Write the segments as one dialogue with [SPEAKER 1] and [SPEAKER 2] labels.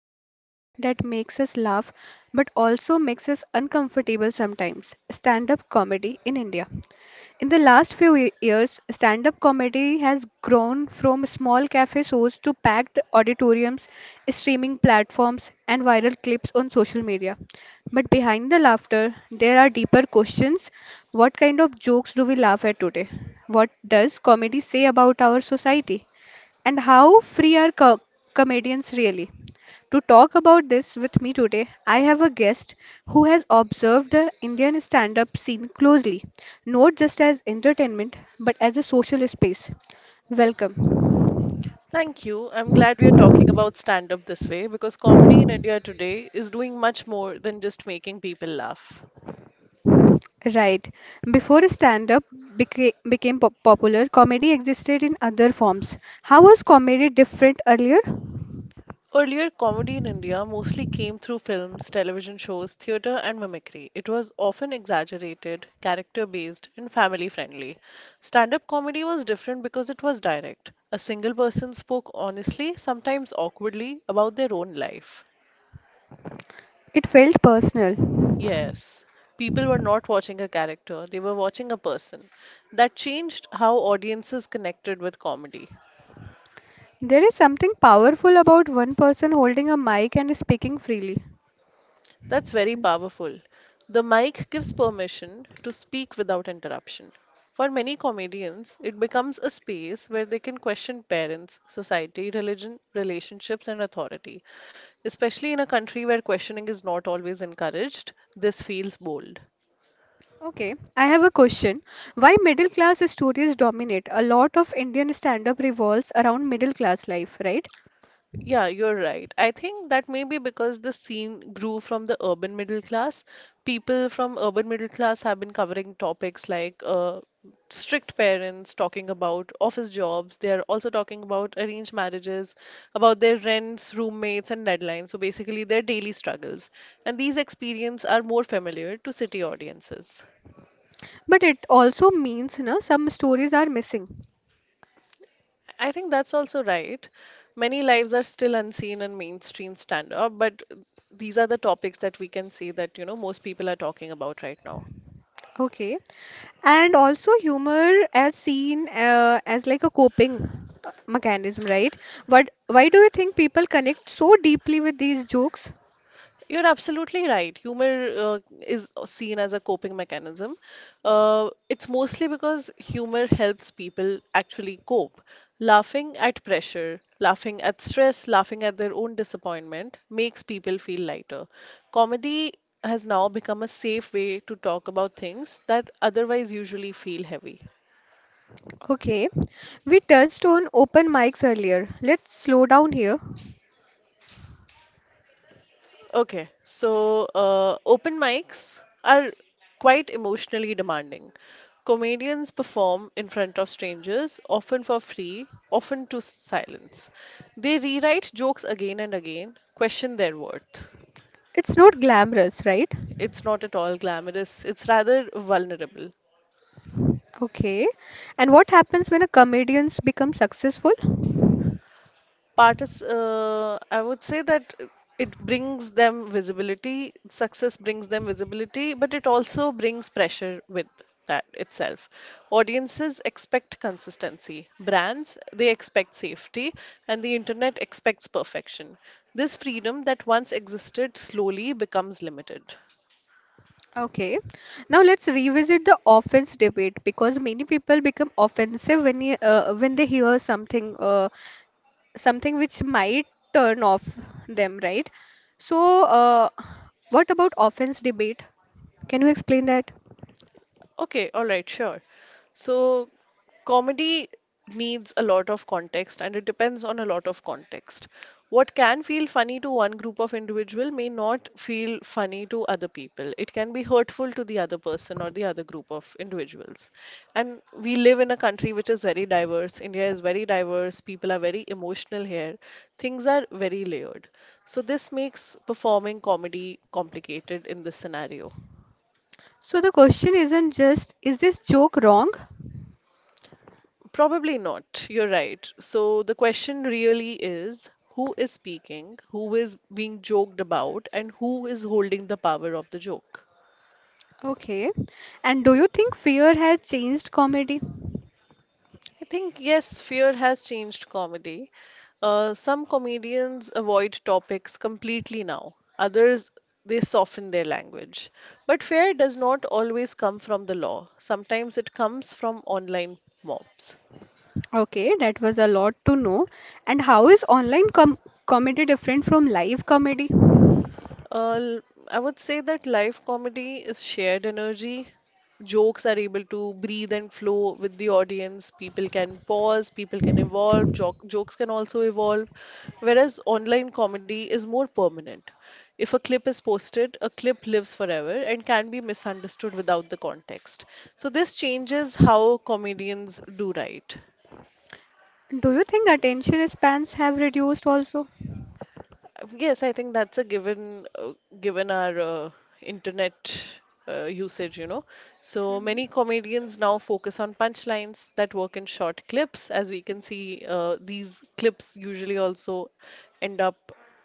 [SPEAKER 1] about something that makes us laugh but also makes us uncomfortable, sometimes stand up comedy in India. In the last few years, stand up comedy has grown from small cafe shows to packed auditoriums, streaming platforms, and viral clips on social media. But behind the laughter, there are deeper questions. What kind of jokes do we laugh at today? What does comedy say about our society? And how free are comedians really? To talk about this with me today, I have a guest who has observed the Indian stand up scene closely, not just as entertainment, but as a social space. Welcome.
[SPEAKER 2] Thank you. I'm glad we are talking about stand up this way because comedy in India today is doing much more than just making people laugh.
[SPEAKER 1] Right. Before stand up became popular, comedy existed in other forms. How was comedy different earlier?
[SPEAKER 2] Earlier, comedy in India mostly came through films, television shows, theatre, and mimicry. It was often exaggerated, character based, and family friendly. Stand up comedy was different because it was direct. A single person spoke honestly, sometimes awkwardly, about their own life.
[SPEAKER 1] It felt personal.
[SPEAKER 2] Yes, people were not watching a character, they were watching a person. That changed how audiences connected with comedy.
[SPEAKER 1] There is something powerful about one person holding a mic and speaking freely.
[SPEAKER 2] That's very powerful. The mic gives permission to speak without interruption. For many comedians, it becomes a space where they can question parents, society, religion, relationships, and authority. Especially in a country where questioning is not always encouraged, this feels bold.
[SPEAKER 1] Okay, I have a question. Why middle class stories dominate? A lot of Indian stand-up revolves around middle class life, right?
[SPEAKER 2] Yeah, you're right. I think that may be because the scene grew from the urban middle class. People from urban middle class have been covering topics like strict parents talking about office jobs. They are also talking about arranged marriages, about their rents, roommates, and deadlines. So basically, their daily struggles. And these experiences are more familiar to city audiences.
[SPEAKER 1] But it also means, you know, some stories are missing.
[SPEAKER 2] I think that's also right. Many lives are still unseen in mainstream stand up, but these are the topics that we can see most people are talking about right now.
[SPEAKER 1] Okay. And also humor as seen as like a coping mechanism, right? But why do you think people connect so deeply with these jokes?
[SPEAKER 2] You're absolutely right. Humor is seen as a coping mechanism. It's mostly because humor helps people actually cope. Laughing at pressure, laughing at stress, laughing at their own disappointment makes people feel lighter. Comedy has now become a safe way to talk about things that otherwise usually feel heavy.
[SPEAKER 1] Okay. We touched on open mics earlier. Let's slow down here.
[SPEAKER 2] Okay, so open mics are quite emotionally demanding. Comedians perform in front of strangers, often for free, often to silence. They rewrite jokes again and again, question their worth.
[SPEAKER 1] It's not glamorous, right?
[SPEAKER 2] It's not at all glamorous, it's rather vulnerable.
[SPEAKER 1] Okay. And what happens when a comedians become successful?
[SPEAKER 2] Partis I would say that it brings them visibility, success brings them visibility, but it also brings pressure with that itself. Audiences expect consistency, brands, they expect safety, and the internet expects perfection. This freedom that once existed slowly becomes limited.
[SPEAKER 1] Okay. Now let's revisit the offense debate because many people become offensive when when they hear something which might turn off them, right? So, uh, what about offense debate? Can you explain that?
[SPEAKER 2] Okay, all right, sure. So, comedy needs a lot of context and it depends on a lot of context. What can feel funny to one group of individual may not feel funny to other people. It can be hurtful to the other person or the other group of individuals. And we live in a country which is very diverse. India is very diverse. People are very emotional here. Things are very layered. So, this makes performing comedy complicated in this scenario.
[SPEAKER 1] So the question isn't just, is this joke wrong?
[SPEAKER 2] Probably not. You're right. So the question really is who is speaking, who is being joked about, and who is holding the power of the joke?
[SPEAKER 1] Okay. And do you think fear has changed comedy?
[SPEAKER 2] I think, yes, fear has changed comedy. Some comedians avoid topics completely now, others, they soften their language. But fear does not always come from the law, sometimes it comes from online mobs.
[SPEAKER 1] Okay, that was a lot to know. And how is online comedy different from live comedy?
[SPEAKER 2] Uh, l- I would say that live comedy is shared energy. Jokes are able to breathe and flow with the audience. People can pause, people can evolve, jokes can also evolve. Whereas online comedy is more permanent. If a clip is posted, a clip lives forever and can be misunderstood without the context. So, this changes how comedians do write.
[SPEAKER 1] Do you think attention spans have reduced also?
[SPEAKER 2] Yes, I think that's a given, given our internet usage. So
[SPEAKER 1] Mhm.
[SPEAKER 2] many comedians now focus on punchlines that work in short clips. As we can see, these clips usually also end up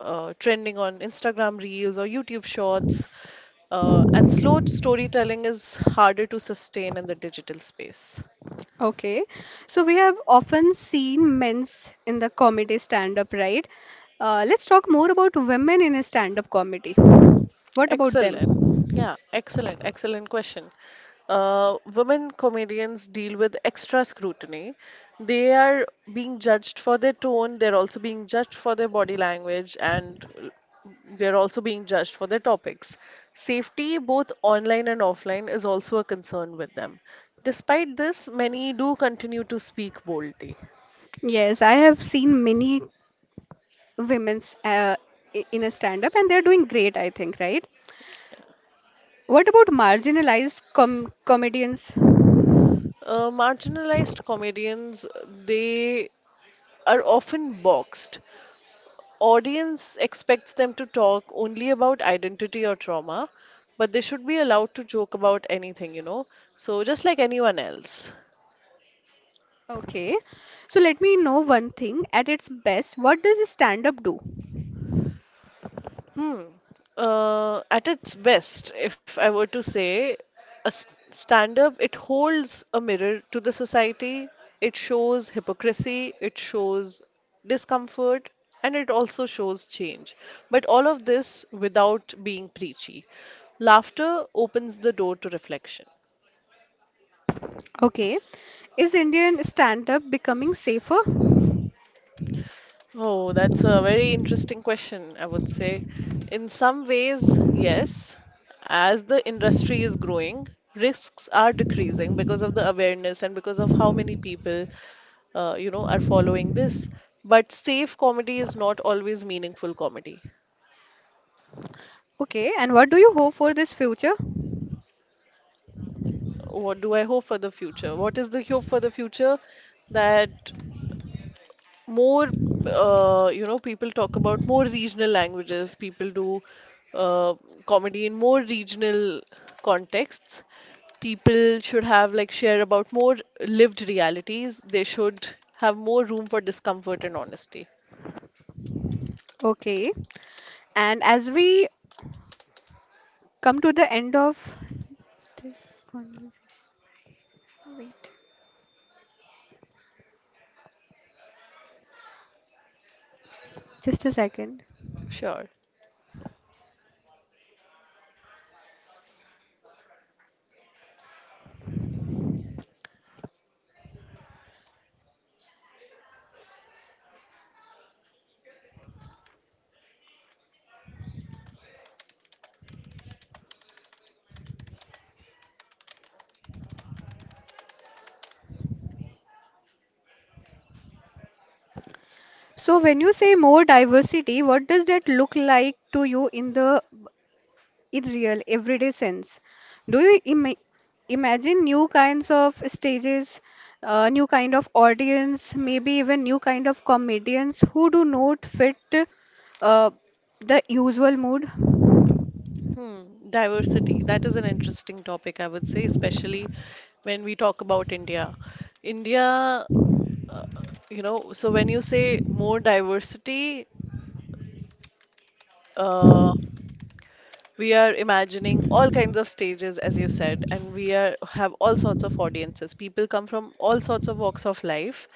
[SPEAKER 2] trending on Instagram Reels or YouTube Shorts. And slow storytelling is harder to sustain in the digital space.
[SPEAKER 1] Okay, so we have often seen men's in the comedy stand-up, right? Let's talk more about women in a stand-up comedy. What about them?
[SPEAKER 2] Excellent. Yeah, excellent question. Women comedians deal with extra scrutiny. They are being judged for their tone, they're also being judged for their body language, and they're also being judged for their topics. Safety, both online and offline, is also a concern with them. Despite this, many do continue to speak boldly.
[SPEAKER 1] Yes, I have seen many women's in a stand-up, and they're doing great, I think, right? What about marginalized comedians?
[SPEAKER 2] Marginalized comedians, they are often boxed. Audience expects them to talk only about identity or trauma, but they should be allowed to joke about anything. So just like anyone else.
[SPEAKER 1] Okay, so let me know one thing. At its best, what does stand up do?
[SPEAKER 2] Hmm. At its best, if I were to say, a stand up, it holds a mirror to the society. It shows hypocrisy, it shows discomfort, and it also shows change. But all of this without being preachy. Laughter opens the door to reflection.
[SPEAKER 1] Okay, is Indian stand up becoming safer?
[SPEAKER 2] Oh, that's a very interesting question, I would say. In some ways, yes. As the industry is growing, risks are decreasing because of the awareness and because of how many people are following this. But safe comedy is not always meaningful comedy.
[SPEAKER 1] Okay, and what do you hope for this future?
[SPEAKER 2] What do I hope for the future? What is the hope for the future? That more people talk about more regional languages, people do uh, comedy in more regional contexts. People should have like share about more lived realities. They should have more room for discomfort and honesty.
[SPEAKER 1] Okay, and as we come to the end of this conversation, wait just a second.
[SPEAKER 2] Sure.
[SPEAKER 1] So, when you say more diversity, what does that look like to you in the in real everyday sense. Do you imagine new kinds of stages, new kind of audience, maybe even new kind of comedians who do not fit uh, the usual mood?
[SPEAKER 2] hmm. Diversity, that is an interesting topic, I would say, especially when we talk about India. So when you say more diversity uh, we are imagining all kinds of stages, as you said, and we are have all sorts of audiences. People come from all sorts of walks of life.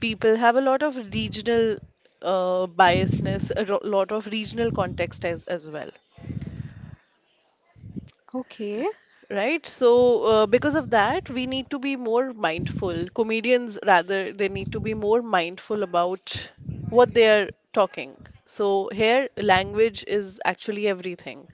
[SPEAKER 2] People have a lot of regional biasness, lot of regional context as well.
[SPEAKER 1] Okay.
[SPEAKER 2] Right. So, because of that, we need to be more mindful. Comedians, rather, they need to be more mindful about what they are talking. So, here, language is actually everything.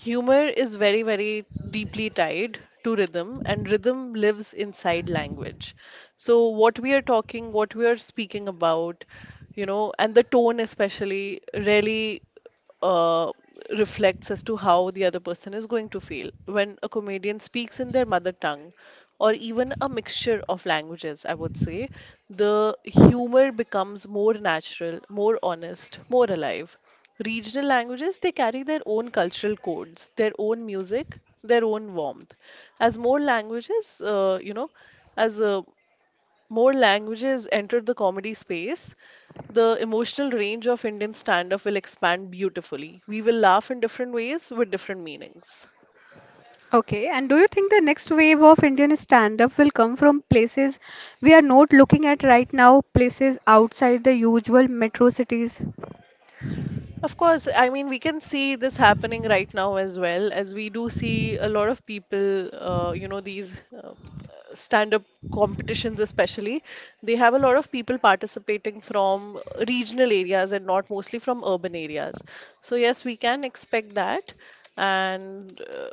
[SPEAKER 2] Humor is very, very deeply tied to rhythm, and rhythm lives inside language. So, what we are talking, what we are speaking about, you know, and the tone especially really uh, reflects as to how the other person is going to feel. When a comedian speaks in their mother tongue, or even a mixture of languages, I would say, the humor becomes more natural, more honest, more alive. Regional languages, they carry their own cultural codes, their own music, their own warmth. As more languages, you know, as more languages enter the comedy space, the emotional range of Indian stand up will expand beautifully. We will laugh in different ways with different meanings.
[SPEAKER 1] Okay, and do you think the next wave of Indian stand-up will come from places we are not looking at right now, places outside the usual metro cities?
[SPEAKER 2] Of course, I mean, we can see this happening right now as well, as we do see a lot of people, you know, these stand up competitions, especially, they have a lot of people participating from regional areas and not mostly from urban areas. So, yes, we can expect that. And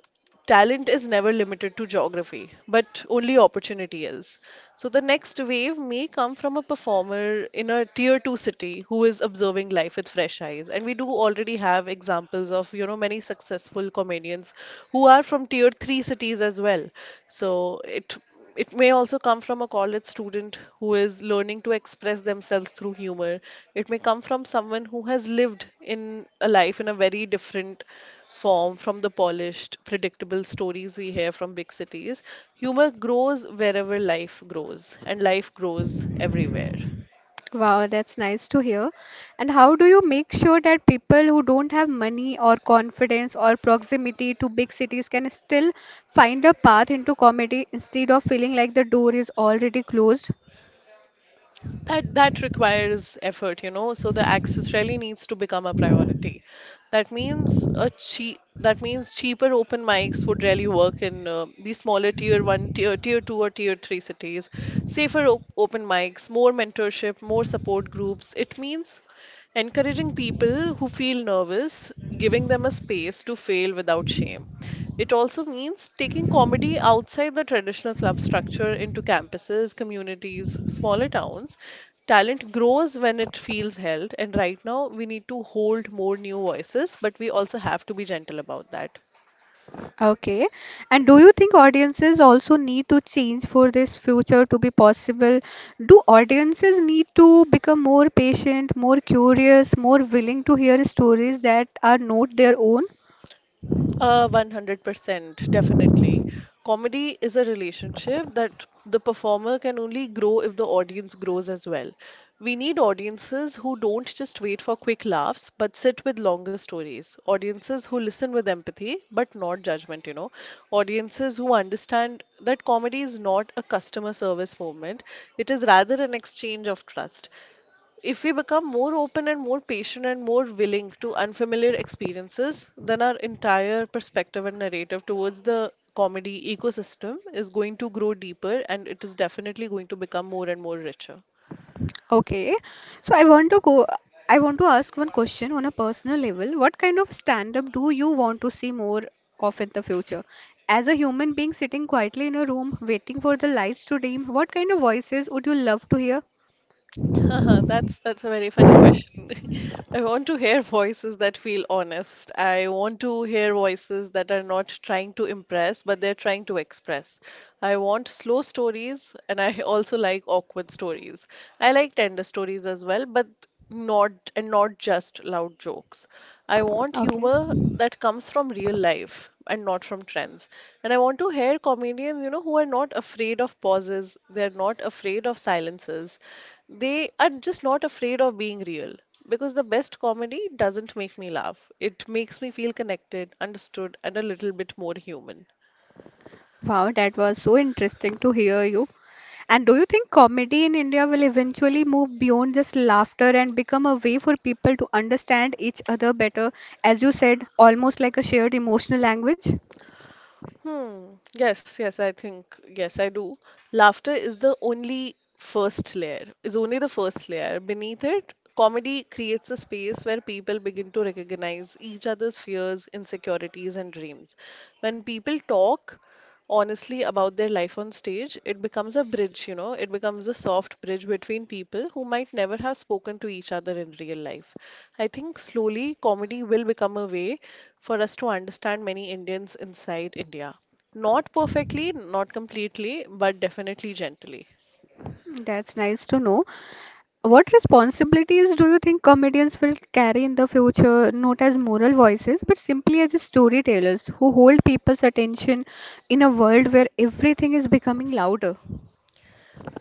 [SPEAKER 2] Talent is never limited to geography, but only opportunity is. So the next wave may come from a performer in a tier two city who is observing life with fresh eyes. And we do already have examples of, you know, many successful comedians who are from tier three cities as well. So it may also come from a college student who is learning to express themselves through humor. It may come from someone who has lived in a life in a very different form from the polished, predictable stories we hear from big cities. Humor grows wherever life grows, and life grows everywhere.
[SPEAKER 1] Wow, that's nice to hear. And how do you make sure that people who don't have money or confidence or proximity to big cities can still find a path into comedy instead of feeling like the door is already closed?
[SPEAKER 2] That requires effort, you know. So the access really needs to become a priority. That means a cheap that means cheaper open mics would really work in the smaller tier one, tier two, or tier three cities. Safer op open mics, more mentorship, more support groups. It means encouraging people who feel nervous, giving them a space to fail without shame. It also means taking comedy outside the traditional club structure into campuses, communities, smaller towns. Talent grows when it feels held, and right now we need to hold more new voices, but we also have to be gentle about that.
[SPEAKER 1] Okay. And do you think audiences also need to change for this future to be possible? Do audiences need to become more patient, more curious, more willing to hear stories that are not their own?
[SPEAKER 2] 100%, definitely. Comedy is a relationship that the performer can only grow if the audience grows as well. We need audiences who don't just wait for quick laughs, but sit with longer stories. Audiences who listen with empathy, but not judgment, you know. Audiences who understand that comedy is not a customer service movement, it is rather an exchange of trust. If we become more open and more patient and more willing to unfamiliar experiences, then our entire perspective and narrative towards the comedy ecosystem is going to grow deeper and it is definitely going to become more and more richer.
[SPEAKER 1] Okay, so I want to go. I want to ask one question on a personal level. What kind of stand-up do you want to see more of in the future? As a human being sitting quietly in a room waiting for the lights to dim, what kind of voices would you love to hear?
[SPEAKER 2] That's a very funny question. I want to hear voices that feel honest. I want to hear voices that are not trying to impress, but they're trying to express. I want slow stories, and I also like awkward stories. I like tender stories as well, but not just loud jokes. I want
[SPEAKER 1] Okay.
[SPEAKER 2] humor that comes from real life and not from trends. And I want to hear comedians, who are not afraid of pauses, they're not afraid of silences. They are just not afraid of being real. Because the best comedy doesn't make me laugh. It makes me feel connected, understood, and a little bit more human.
[SPEAKER 1] Wow, that was so interesting to hear you. And do you think comedy in India will eventually move beyond just laughter and become a way for people to understand each other better, as you said, almost like a shared emotional language?
[SPEAKER 2] Hmm. Yes, yes, I think, yes, I do. Laughter is the only first layer, is only the first layer. Beneath it, comedy creates a space where people begin to recognize each other's fears, insecurities, and dreams. When people talk, honestly about their life on stage, it becomes a bridge, it becomes a soft bridge between people who might never have spoken to each other in real life. I think slowly comedy will become a way for us to understand many Indians inside India. Not perfectly, not completely, but definitely gently.
[SPEAKER 1] That's nice to know. What responsibilities do you think comedians will carry in the future, not as moral voices, but simply as storytellers who hold people's attention in a world where everything is becoming louder?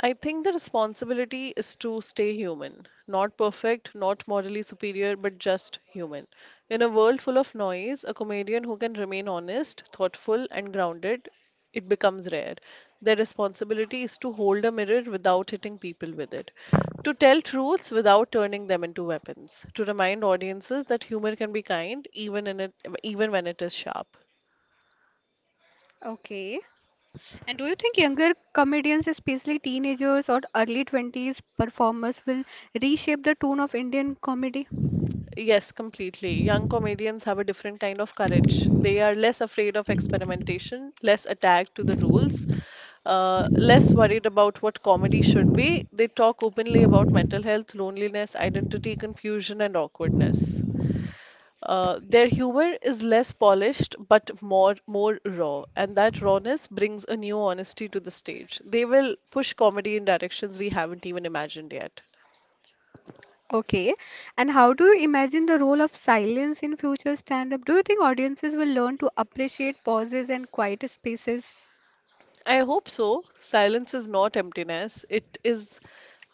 [SPEAKER 2] I think the responsibility is to stay human, not perfect, not morally superior, but just human. In a world full of noise, a comedian who can remain honest, thoughtful, and grounded, it becomes rare. Their responsibility is to hold a mirror without hitting people with it, to tell truths without turning them into weapons, to remind audiences that humor can be kind even in it, even when it is sharp.
[SPEAKER 1] Okay. And do you think younger comedians, especially teenagers or early 20s performers, will reshape the tone of Indian comedy?
[SPEAKER 2] Yes, completely. Young comedians have a different kind of courage. They are less afraid of experimentation, less attached to the rules, less worried about what comedy should be. They talk openly about mental health, loneliness, identity, confusion, and awkwardness. Their humor is less polished but more raw, and that rawness brings a new honesty to the stage. They will push comedy in directions we haven't even imagined yet.
[SPEAKER 1] Okay. And how do you imagine the role of silence in future stand-up? Do you think audiences will learn to appreciate pauses and quiet spaces?
[SPEAKER 2] I hope so. Silence is not emptiness, it is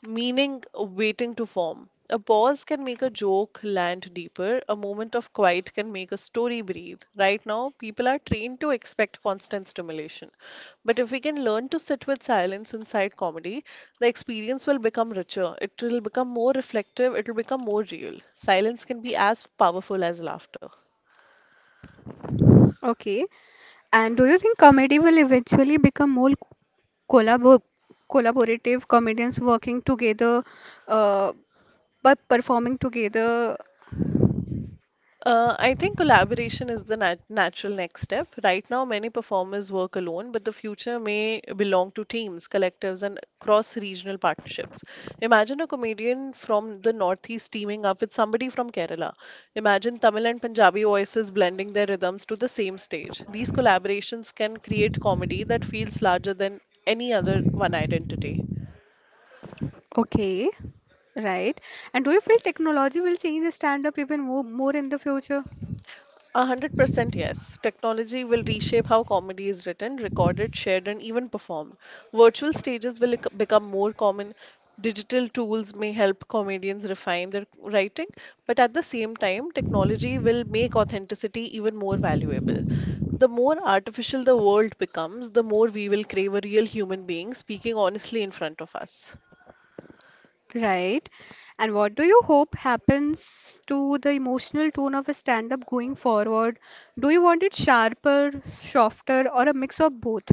[SPEAKER 2] meaning waiting to form. A pause can make a joke land deeper, a moment of quiet can make a story breathe. Right now, people are trained to expect constant stimulation. But if we can learn to sit with silence inside comedy, the experience will become richer, it will become more reflective, it will become more real. Silence can be as powerful as laughter.
[SPEAKER 1] Okay. And do you think comedy will eventually become more collabor collaborative comedians working together, uh, but performing together?
[SPEAKER 2] I think collaboration is the natural next step. Right now, many performers work alone, but the future may belong to teams, collectives, and cross-regional partnerships. Imagine a comedian from the Northeast teaming up with somebody from Kerala. Imagine Tamil and Punjabi voices blending their rhythms to the same stage. These collaborations can create comedy that feels larger than any other one identity.
[SPEAKER 1] Okay, right. And do you feel technology will change the stand-up even more, more in the future?
[SPEAKER 2] 100% yes. Technology will reshape how comedy is written, recorded, shared, and even performed. Virtual stages will become more common. Digital tools may help comedians refine their writing, but at the same time, technology will make authenticity even more valuable. The more artificial the world becomes, the more we will crave a real human being speaking honestly in front of us.
[SPEAKER 1] Right. And what do you hope happens to the emotional tone of a stand-up going forward? Do you want it sharper, softer, or a mix of both?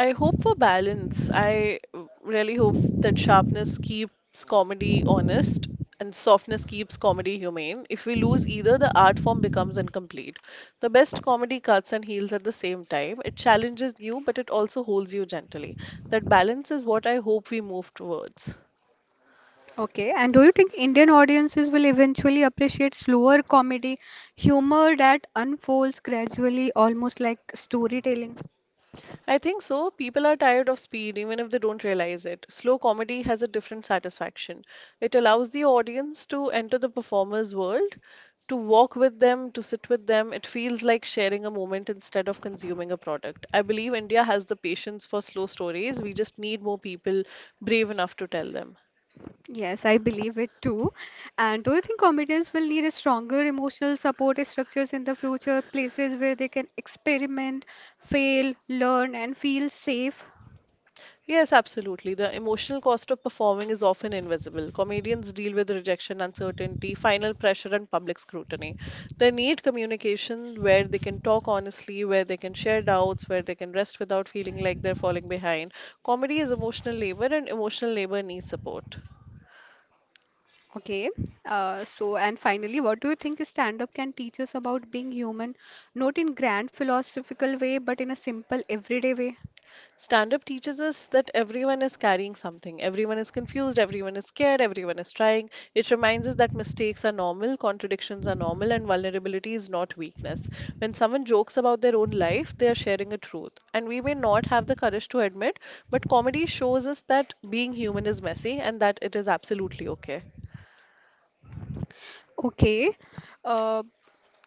[SPEAKER 2] I hope for balance. I really hope that sharpness keeps comedy honest and softness keeps comedy humane. If we lose either, the art form becomes incomplete. The best comedy cuts and heals at the same time. It challenges you, but it also holds you gently. That balance is what I hope we move towards.
[SPEAKER 1] Okay, and do you think Indian audiences will eventually appreciate slower comedy, humor that unfolds gradually, almost like storytelling?
[SPEAKER 2] I think so. People are tired of speed, even if they don't realize it. Slow comedy has a different satisfaction. It allows the audience to enter the performer's world, to walk with them, to sit with them. It feels like sharing a moment instead of consuming a product. I believe India has the patience for slow stories. We just need more people brave enough to tell them.
[SPEAKER 1] Yes, I believe it too. And do you think comedians will need a stronger emotional support structures in the future, places where they can experiment, fail, learn, and feel safe?
[SPEAKER 2] Yes, absolutely. The emotional cost of performing is often invisible. Comedians deal with rejection, uncertainty, final pressure, and public scrutiny. They need communication where they can talk honestly, where they can share doubts, where they can rest without feeling like they're falling behind. Comedy is emotional labor, and emotional labor needs support.
[SPEAKER 1] Okay, so and finally, what do you think stand-up can teach us about being human, not in grand philosophical way, but in a simple everyday way?
[SPEAKER 2] Stand up teaches us that everyone is carrying something. Everyone is confused, everyone is scared, everyone is trying. It reminds us that mistakes are normal, contradictions are normal, and vulnerability is not weakness. When someone jokes about their own life, they are sharing a truth. And we may not have the courage to admit, but comedy shows us that being human is messy and that it is absolutely okay.
[SPEAKER 1] Okay. Uh,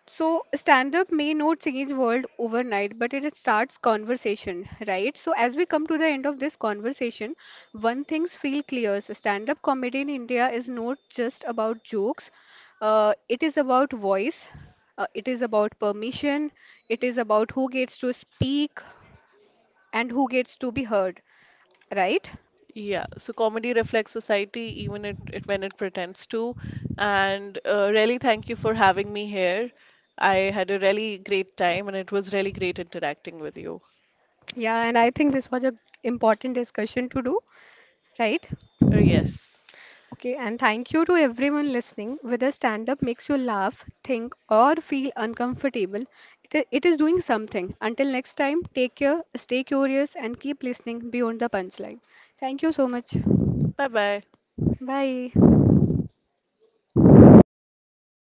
[SPEAKER 1] so stand-up may not change world overnight, but it starts conversation, right? So as we come to the end of this conversation, one thing's feel clear. So stand-up comedy in India is not just about jokes. It is about voice. It is about permission. It is about who gets to speak and who gets to be heard, right?
[SPEAKER 2] Yeah, so comedy reflects society even it, it when it pretends to. And really, thank you for having me here. I had a really great time and it was really great interacting with you.
[SPEAKER 1] Yeah, and I think this was a important discussion to do, right?
[SPEAKER 2] Yes.
[SPEAKER 1] Okay, and thank you to everyone listening. Whether stand up makes you laugh, think, or feel uncomfortable, it is doing something. Until next time, take care, stay curious, and keep listening beyond the punchline. Thank you so much.
[SPEAKER 2] Bye bye.
[SPEAKER 1] Bye.